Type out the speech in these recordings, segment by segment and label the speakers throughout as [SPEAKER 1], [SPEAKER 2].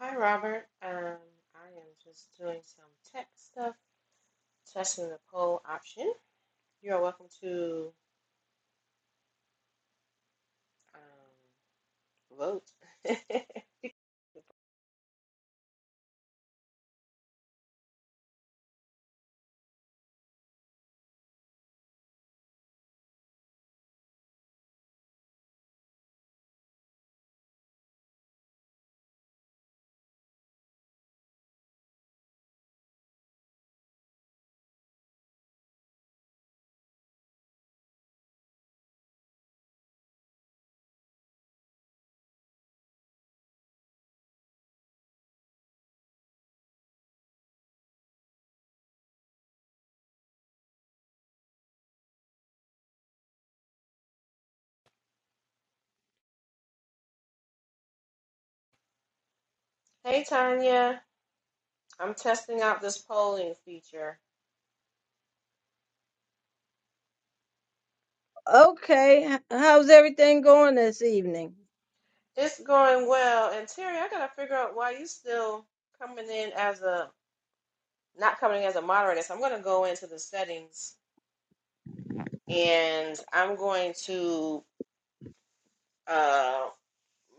[SPEAKER 1] Hi, Robert. Um, I am just doing some tech stuff, testing the poll option. You are welcome to um, vote. Hey, Tanya. I'm testing out this polling feature.
[SPEAKER 2] Okay, h- how's everything going this evening?
[SPEAKER 1] It's going well. And Terry, I gotta figure out why you still coming in as a not coming in as a moderator. So I'm gonna go into the settings and I'm going to uh,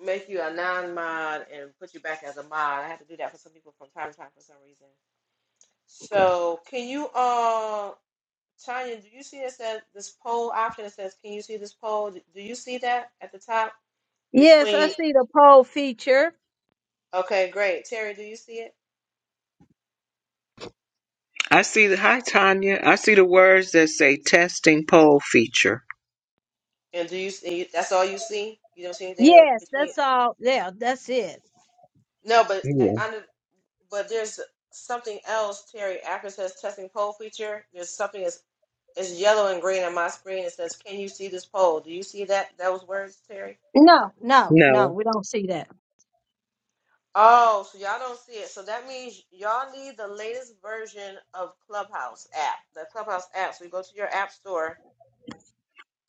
[SPEAKER 1] make you a non-mod and put you back as a mod. I have to do that for some people from time to time for some reason. So can you, uh, Tanya, do you see it says this poll option? It says, can you see this poll? Do do you see that at the top
[SPEAKER 2] Yes, I
[SPEAKER 1] between?
[SPEAKER 2] see the poll feature.
[SPEAKER 1] Okay, great. Terry, do you see it?
[SPEAKER 3] I see the hi Tanya. I see the words that say testing poll feature.
[SPEAKER 1] And do you see? That's all you see. You don't see anything else
[SPEAKER 2] Yes,
[SPEAKER 1] between.
[SPEAKER 2] that's all. Yeah, that's it.
[SPEAKER 1] No, but
[SPEAKER 3] Yeah.
[SPEAKER 1] uh, under, but there's something else, Terry. After it says testing poll feature, there's something that's it's yellow and green on my screen. It says, can you see this poll? Do you see that? Those words, Terry.
[SPEAKER 2] No, no,
[SPEAKER 3] No.
[SPEAKER 2] no, we don't see that.
[SPEAKER 1] Oh, so y'all don't see it. So that means y'all need the latest version of Clubhouse app. The Clubhouse app. So you go to your app store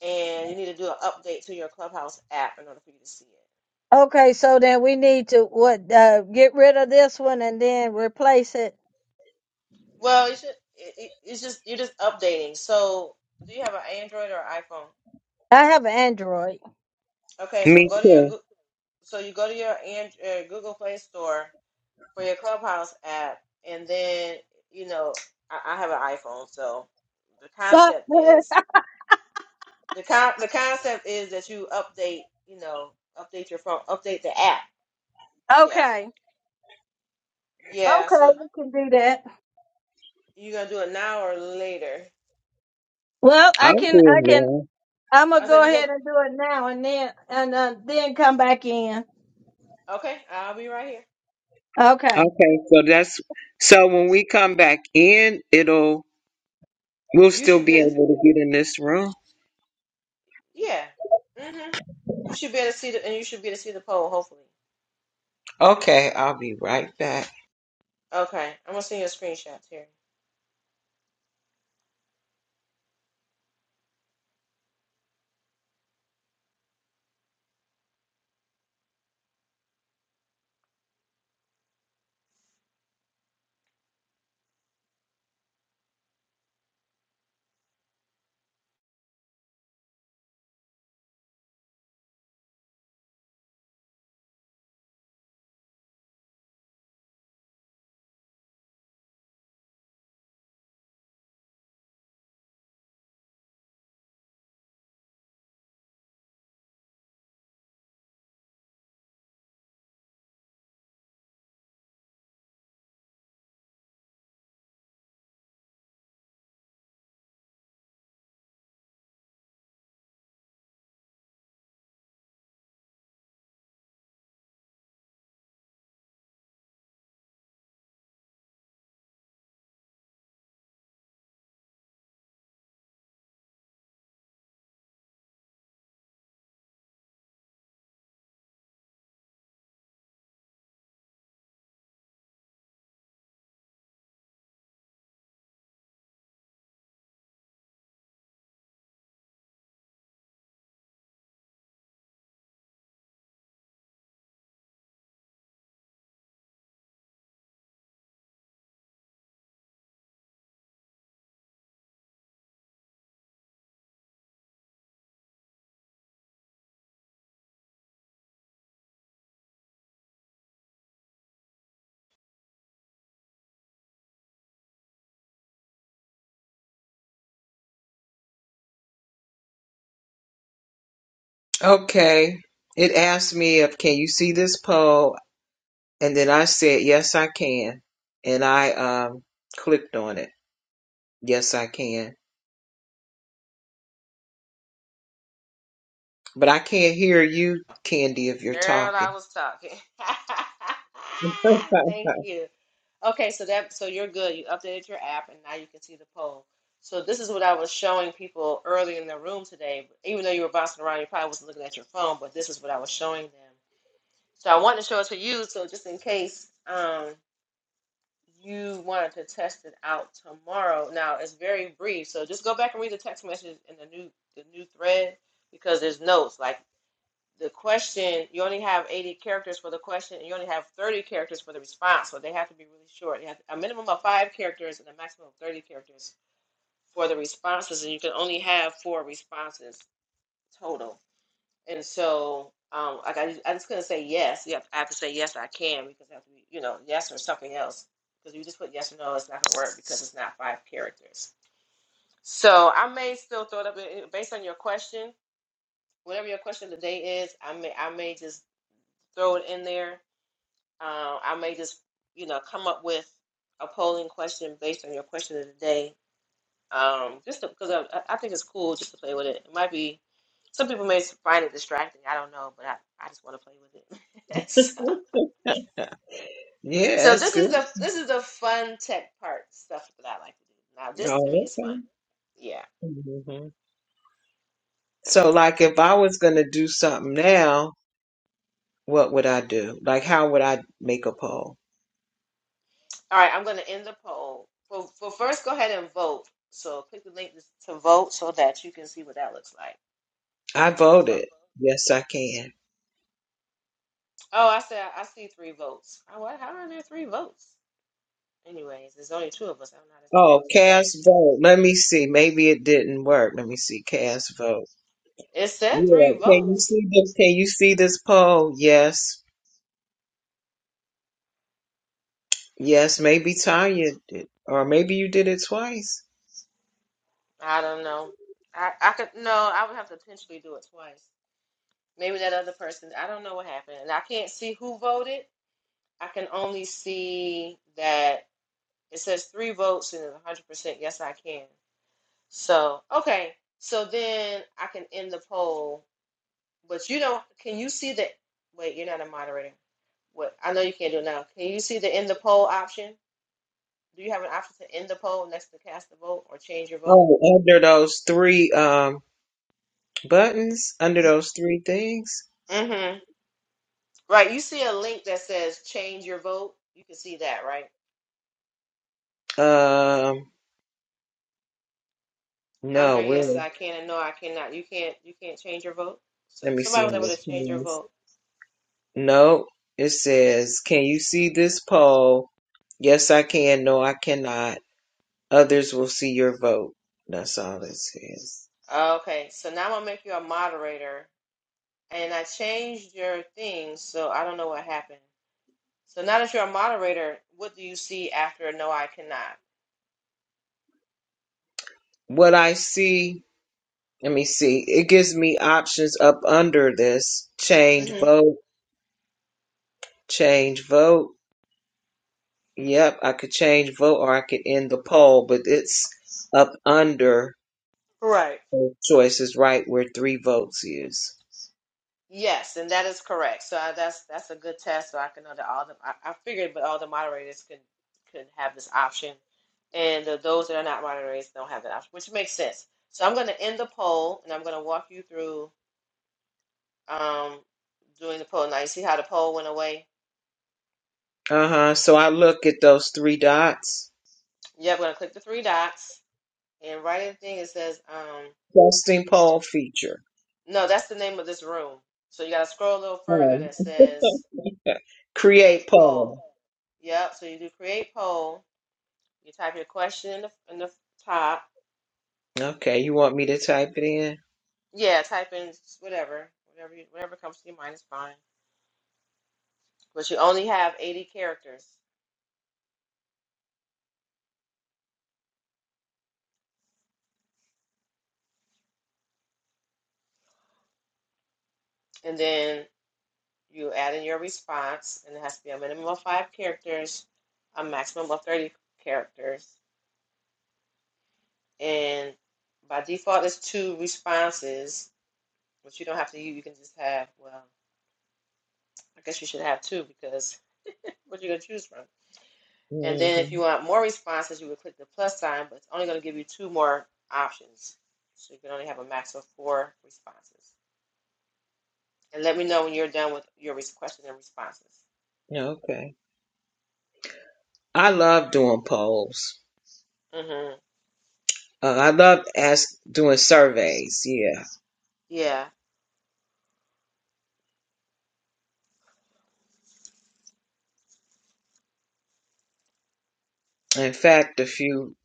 [SPEAKER 1] and you need to do an update to your Clubhouse app in order for you to see it.
[SPEAKER 2] Okay, so then we need to what uh, get rid of this one and then replace it.
[SPEAKER 1] Well, you should. It, it, it's just you're just updating. So do you have an Android or iPhone?
[SPEAKER 2] I have an Android.
[SPEAKER 1] Okay, so
[SPEAKER 3] Me
[SPEAKER 1] go to your
[SPEAKER 3] too.
[SPEAKER 1] Goo- so you go to your and, uh, Google Play Store for your Clubhouse app, and then you know I, I have an iPhone, so the
[SPEAKER 2] But-
[SPEAKER 1] concept is. The con the concept is that you update, you know, update your phone, update the app. Yeah.
[SPEAKER 2] okay,
[SPEAKER 1] Yeah,
[SPEAKER 2] okay,
[SPEAKER 1] so
[SPEAKER 2] we can do that.
[SPEAKER 1] you gonna do it now or later?
[SPEAKER 2] Well,
[SPEAKER 3] I'll
[SPEAKER 2] I
[SPEAKER 3] do
[SPEAKER 2] can,
[SPEAKER 3] it
[SPEAKER 2] I can. I'm gonna
[SPEAKER 1] I
[SPEAKER 2] go
[SPEAKER 1] said we
[SPEAKER 2] ahead
[SPEAKER 1] gonna
[SPEAKER 2] and do it now and then and uh, then come back in.
[SPEAKER 1] okay, I'll be right here.
[SPEAKER 3] now.
[SPEAKER 2] Okay.
[SPEAKER 3] Okay, so that's so when we come back in, it'll we'll
[SPEAKER 1] You
[SPEAKER 3] still
[SPEAKER 1] should be
[SPEAKER 3] be
[SPEAKER 1] able to
[SPEAKER 3] able to get in this room.
[SPEAKER 1] yeah. Mm-hmm. You should be able to see the and you should be able to see the poll, hopefully.
[SPEAKER 3] Okay, I'll be right back.
[SPEAKER 1] Okay. I'm gonna send you a screenshot, Terry.
[SPEAKER 3] Okay. It asked me if can you see this poll? And then I said, Yes I can. And I um clicked on it. Yes I can. But I can't hear you, Candy, if you're
[SPEAKER 1] Girl,
[SPEAKER 3] talking.
[SPEAKER 1] I was talking. Thank you. Okay, so that so you're good. You updated your app and now you can see the poll. So this is what I was showing people early in the room today. Even though you were bouncing around, you probably wasn't looking at your phone, but this is what I was showing them. So I wanted to show it to you, so just in case um you wanted to test it out tomorrow. Now it's very brief, so just go back and read the text message in the new the new thread because there's notes. Like the question you only have 80 characters for the question and you only have 30 characters for the response so they have to be really short You have a minimum of five characters and a maximum of 30 characters for the responses and you can only have four responses total and so um, like I, I just couldn't say yes you have, I have to say yes I can because I have to be, you know yes or something else because if you just put yes or no it's not gonna work because it's not five characters so I may still throw it up eh, eh, based on your question whatever your question of the day is I may I may just throw it in there Uh, I may just, you know, come up with a polling question based on your question of the day. Um, just because I, I think it's cool just to play with it. It might be some people may find it distracting. I don't know, but I, I just want to play with it. so,
[SPEAKER 3] yeah,
[SPEAKER 1] so
[SPEAKER 3] that's
[SPEAKER 1] this
[SPEAKER 3] good.
[SPEAKER 1] is the this is the fun tech part stuff that I like to do. Now this to me
[SPEAKER 3] Oh,
[SPEAKER 1] is
[SPEAKER 3] okay.
[SPEAKER 1] fun. Yeah.
[SPEAKER 3] hmm So, like, if I was going to do something now, what would I do? Like, how would I make a poll?
[SPEAKER 1] All right. I'm going to end the poll. Well, well, first go ahead and vote. So click the link to vote so that you can see what that looks like.
[SPEAKER 3] I voted.
[SPEAKER 1] So.
[SPEAKER 3] Yes, I can.
[SPEAKER 1] Oh, I said I see three votes. Oh, what? How are there three votes? Anyways, there's only two of us. I don't know how there's three
[SPEAKER 3] Oh,
[SPEAKER 1] votes.
[SPEAKER 3] cast
[SPEAKER 1] Yeah,
[SPEAKER 3] vote. Let me see. Maybe it didn't work. Let me see. Cast vote.
[SPEAKER 1] it said
[SPEAKER 3] Yeah.
[SPEAKER 1] three
[SPEAKER 3] Can you
[SPEAKER 1] votes.
[SPEAKER 3] see the? Can you see this poll? Yes. Yes. Maybe Tanya did, or maybe you did it twice.
[SPEAKER 1] I don't know. I I could no. I would have to potentially do it twice. Maybe that other person. I don't know what happened, and I can't see who voted. I can only see that it says three votes and it's 100. percent Yes, I can. So okay. So then I can end the poll. But you don't. Can you see the? Wait, you're not a moderator. What I know you can't do it now. Can you see the end the poll option? Do you have an option to end the poll next to cast a vote or change your vote?
[SPEAKER 3] Oh, under those three um buttons, under those three things.
[SPEAKER 1] Mm-hmm. Right. You see a link that says change your vote. You can see that, right?
[SPEAKER 3] Um, no,
[SPEAKER 1] Under yes
[SPEAKER 3] where?
[SPEAKER 1] I can and no I cannot. You can't you can't change your vote. So
[SPEAKER 3] Let me see
[SPEAKER 1] somebody was
[SPEAKER 3] in the
[SPEAKER 1] able to change your
[SPEAKER 3] Kings.
[SPEAKER 1] vote.
[SPEAKER 3] No, it says, "Can you see this poll?" Yes, I can. No, I cannot. Others will see your vote. That's all it says.
[SPEAKER 1] Okay, so now I'm gonna make you a moderator, and I changed your thing, so I don't know what happened. So now that you're a moderator, what do you see after no, I cannot?
[SPEAKER 3] What I see, let me see. It gives me options up under this. Change
[SPEAKER 1] hmm
[SPEAKER 3] vote, change vote. Yep, I could change vote or I could end the poll, but it's up under
[SPEAKER 1] Right.
[SPEAKER 3] choices right where three votes is.
[SPEAKER 1] Yes, and that is correct. So I, that's that's a good test. So I can know that all the I, I figured, but all the moderators can can have this option, and the, those that are not moderators don't have that option, which makes sense. So I'm going to end the poll, and I'm going to walk you through um doing the poll. Now you see how the poll went away.
[SPEAKER 3] Uh huh. So I look at those three dots.
[SPEAKER 1] Yeah, I'm going to click the three dots and right in the thing it says um
[SPEAKER 3] Testing poll feature.
[SPEAKER 1] no, that's the name of this room. So you got to scroll a little further
[SPEAKER 3] Oh,
[SPEAKER 1] that says
[SPEAKER 3] okay.
[SPEAKER 1] create
[SPEAKER 3] Create
[SPEAKER 1] poll.
[SPEAKER 3] poll.
[SPEAKER 1] Yep. So you do create poll You type your question in the in the top.
[SPEAKER 3] Okay, you want me to type it in?
[SPEAKER 1] Yeah, type in whatever, whatever you, whatever comes to your mind is fine. But you only have 80 characters, and then you add in your response, and it has to be a minimum of five characters, a maximum of 30 characters, and by default it's two responses, but you don't have to. You, you can just have well, I guess you should have two because what you gonna choose from? And then if
[SPEAKER 3] hmm
[SPEAKER 1] you want more responses, you would click the plus sign, but it's only going to give you two more options. So you can only have a max of four responses. And let me know when you're done with your questions and responses.
[SPEAKER 3] Okay. I love doing polls.
[SPEAKER 1] hmm
[SPEAKER 3] Uh, I love ask doing surveys. Yeah.
[SPEAKER 1] Yeah.
[SPEAKER 3] In fact, a few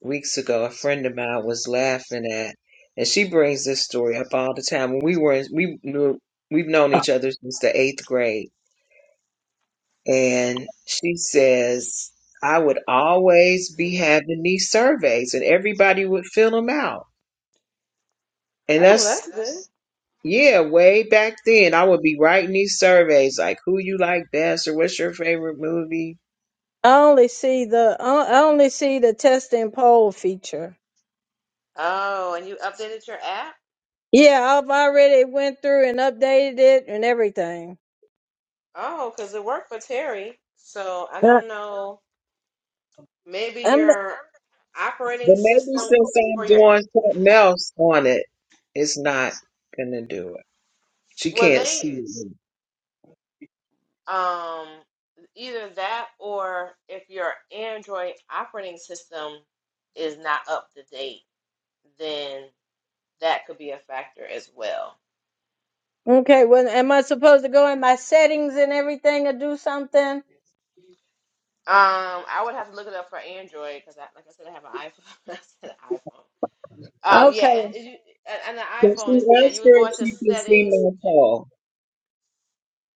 [SPEAKER 3] weeks ago, a friend of mine was laughing at, and she brings this story up all the time. When we were in, we knew we've known each other since the eighth grade, and she says I would always be having these surveys, and everybody would fill them out. And
[SPEAKER 1] Oh,
[SPEAKER 3] that's
[SPEAKER 1] that's good.
[SPEAKER 3] yeah, way back then, I would be writing these surveys like who you like best or what's your favorite movie
[SPEAKER 2] I only see the I I only see the test and poll feature.
[SPEAKER 1] Oh, and you updated your app?
[SPEAKER 2] Yeah, I've already went through and updated it and everything.
[SPEAKER 1] Oh, because it worked for Terry. So I
[SPEAKER 2] Uh,
[SPEAKER 1] don't know. Maybe
[SPEAKER 2] I'm the-
[SPEAKER 1] your
[SPEAKER 3] But
[SPEAKER 1] operating
[SPEAKER 3] maybe
[SPEAKER 1] system
[SPEAKER 3] since I'm
[SPEAKER 1] for your
[SPEAKER 3] doing something else on it, it's not gonna do it. She
[SPEAKER 1] well,
[SPEAKER 3] can't see
[SPEAKER 1] they.
[SPEAKER 3] me.
[SPEAKER 1] Um, either that or if your Android operating system is not up to date, then that could be a factor as well.
[SPEAKER 2] okay, well, am I supposed to go in my settings and everything and do something?
[SPEAKER 1] Um, I would have to look it up for Android because, I, like I said, I have an iPhone. I said an iPhone. Um, yeah,
[SPEAKER 2] Okay.
[SPEAKER 1] and, and, you, and, and the
[SPEAKER 3] But she
[SPEAKER 1] iPhone is yeah.
[SPEAKER 3] asked
[SPEAKER 1] You would
[SPEAKER 3] her
[SPEAKER 1] go
[SPEAKER 3] if
[SPEAKER 1] into
[SPEAKER 3] she can see
[SPEAKER 1] settings.
[SPEAKER 3] my
[SPEAKER 1] g-
[SPEAKER 3] poll.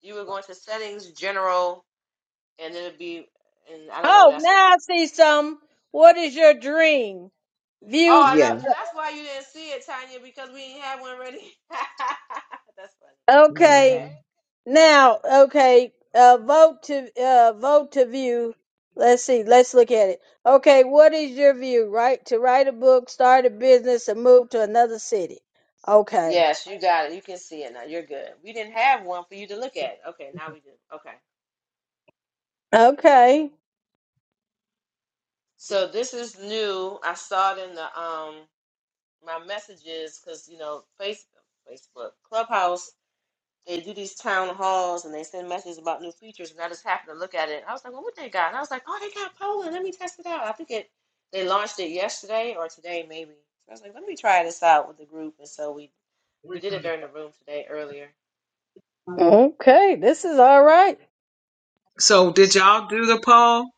[SPEAKER 1] You would go into settings general, and it would be and I don't know what
[SPEAKER 2] Oh,
[SPEAKER 1] that's.
[SPEAKER 2] now I see some. What is your dream?
[SPEAKER 1] Oh,
[SPEAKER 2] View.
[SPEAKER 1] I
[SPEAKER 3] Yeah.
[SPEAKER 1] love. That's why you didn't see it, Tanya, because we didn't have one ready. that's funny.
[SPEAKER 2] Okay.
[SPEAKER 1] Okay.
[SPEAKER 3] hmm
[SPEAKER 2] Now, okay, uh, vote to uh, vote to view. Let's see. Let's look at it. Okay, what is your view? Right to write a book, start a business, and move to another city. Okay.
[SPEAKER 1] Yes, you got it. You can see it now. You're good. We didn't have one for you to look at. Okay, now we do. Okay.
[SPEAKER 2] Okay.
[SPEAKER 1] So this is new. I saw it in the um my messages because you know Facebook, Facebook, Clubhouse. they do these town halls and they send messages about new features, and I just happened to look at it. And I was like, well, what they got? And I was like, oh, they got Poland. Let me test it out. I think it they launched it yesterday or today maybe. So I was like, let me try this out with the group, and so we we did it during the room today earlier.
[SPEAKER 2] Okay. This is all right.
[SPEAKER 3] So did y'all do the poll?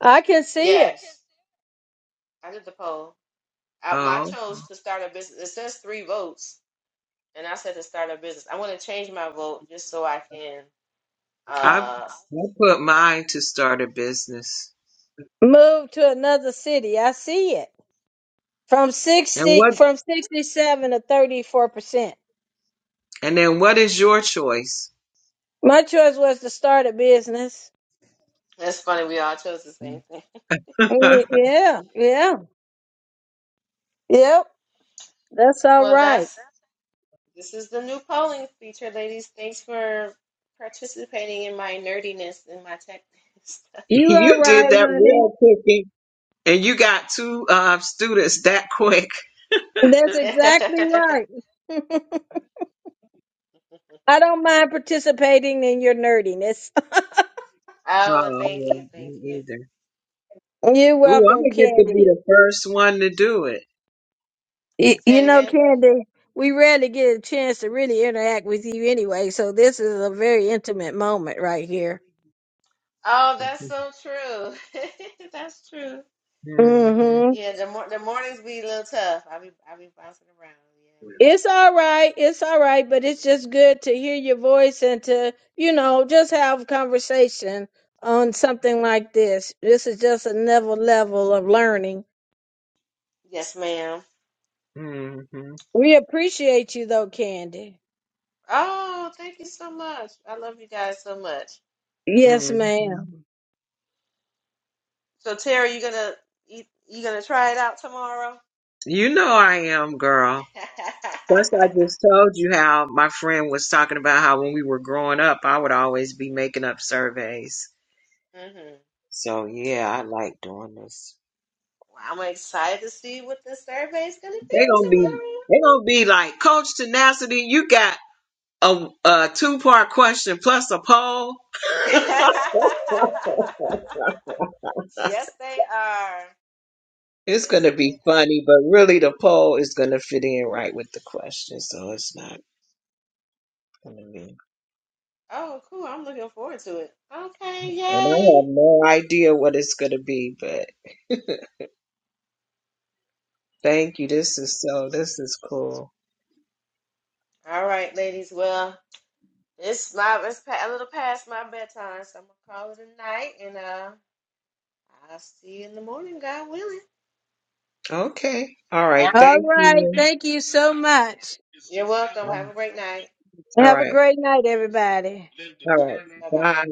[SPEAKER 2] I can see it.
[SPEAKER 1] Yes, I did the poll. I, I
[SPEAKER 3] Oh,
[SPEAKER 1] chose to start a business. It says three votes, and I said to start a business. I want to change my vote just so I can.
[SPEAKER 3] I I
[SPEAKER 1] Uh,
[SPEAKER 3] put mine to start a business.
[SPEAKER 2] Move to another city. I see it. From
[SPEAKER 3] And
[SPEAKER 2] sixty,
[SPEAKER 3] what?
[SPEAKER 2] from sixty-seven to thirty-four percent.
[SPEAKER 3] And then what is your choice?
[SPEAKER 2] My choice was to start a business.
[SPEAKER 1] that's funny. We all chose the same thing.
[SPEAKER 2] Yeah. Yeah. Yep. That's all
[SPEAKER 1] Well,
[SPEAKER 2] right.
[SPEAKER 1] that's This is the new polling feature, ladies. Thanks for participating in my nerdiness and my tech
[SPEAKER 2] You are
[SPEAKER 3] you did
[SPEAKER 2] right,
[SPEAKER 3] that
[SPEAKER 2] honey.
[SPEAKER 3] real quick, and you got two uh, students that quick.
[SPEAKER 2] That's exactly right. I don't mind participating in your nerdiness.
[SPEAKER 1] oh,
[SPEAKER 3] Oh,
[SPEAKER 1] thank
[SPEAKER 3] yeah,
[SPEAKER 1] you, thank you.
[SPEAKER 3] me either.
[SPEAKER 2] You're
[SPEAKER 3] Ooh, I'm
[SPEAKER 2] welcome,
[SPEAKER 3] gonna get to be
[SPEAKER 2] Candy.
[SPEAKER 3] the first one to do it.
[SPEAKER 2] Y- You
[SPEAKER 1] Say it
[SPEAKER 2] know,
[SPEAKER 1] again.
[SPEAKER 2] Candy, we rarely get a chance to really interact with you anyway, so this is a very intimate moment right here.
[SPEAKER 1] Oh, that's so true. that's true.
[SPEAKER 3] hmm
[SPEAKER 2] Mm-hmm.
[SPEAKER 1] Yeah, the mor- the mornings be a little tough. i be i be bouncing around. Yeah.
[SPEAKER 2] It's all right. It's all right, but it's just good to hear your voice and to, you know, just have conversation on something like this. This is just another level of learning.
[SPEAKER 1] Yes, ma'am.
[SPEAKER 3] hmm hmm
[SPEAKER 2] We appreciate you though, Candy.
[SPEAKER 1] Oh, thank you so much. I love you guys so much.
[SPEAKER 2] Yes, ma'am.
[SPEAKER 1] So, Terry, you gonna you, you gonna try it out tomorrow?
[SPEAKER 3] You know I am, girl. Plus, I just told you how my friend was talking about how when we were growing up, I would always be making up surveys.
[SPEAKER 1] hmm
[SPEAKER 3] So yeah, I like doing this.
[SPEAKER 1] Well, I'm excited to see what the survey is going to be
[SPEAKER 3] They gonna be
[SPEAKER 1] tomorrow.
[SPEAKER 3] they gonna be like Coach Tenacity. You got a, a two part question plus a poll.
[SPEAKER 1] yes, they are.
[SPEAKER 3] It's going
[SPEAKER 1] Yes,
[SPEAKER 3] to
[SPEAKER 1] they
[SPEAKER 3] be
[SPEAKER 1] are.
[SPEAKER 3] funny, but really the poll is going to fit in right with the question, so it's not going to be.
[SPEAKER 1] Oh, cool. I'm looking forward to it. Okay,
[SPEAKER 3] And I
[SPEAKER 1] yay.
[SPEAKER 3] have no idea what it's going to be, but thank you. This is so, this is cool.
[SPEAKER 1] All right, ladies. Well, it's my it's pa- a little past my bedtime, so I'm gonna call it a night, and uh, I'll see you in the morning, God willing.
[SPEAKER 3] Okay. All right.
[SPEAKER 2] All
[SPEAKER 3] Thank
[SPEAKER 2] right.
[SPEAKER 3] you.
[SPEAKER 2] Thank you so much.
[SPEAKER 1] You're welcome. Have a great night.
[SPEAKER 3] All
[SPEAKER 2] Have a
[SPEAKER 3] right.
[SPEAKER 2] great night, everybody.
[SPEAKER 3] All
[SPEAKER 1] All right. Bye
[SPEAKER 3] right.
[SPEAKER 1] bye.
[SPEAKER 3] Bye.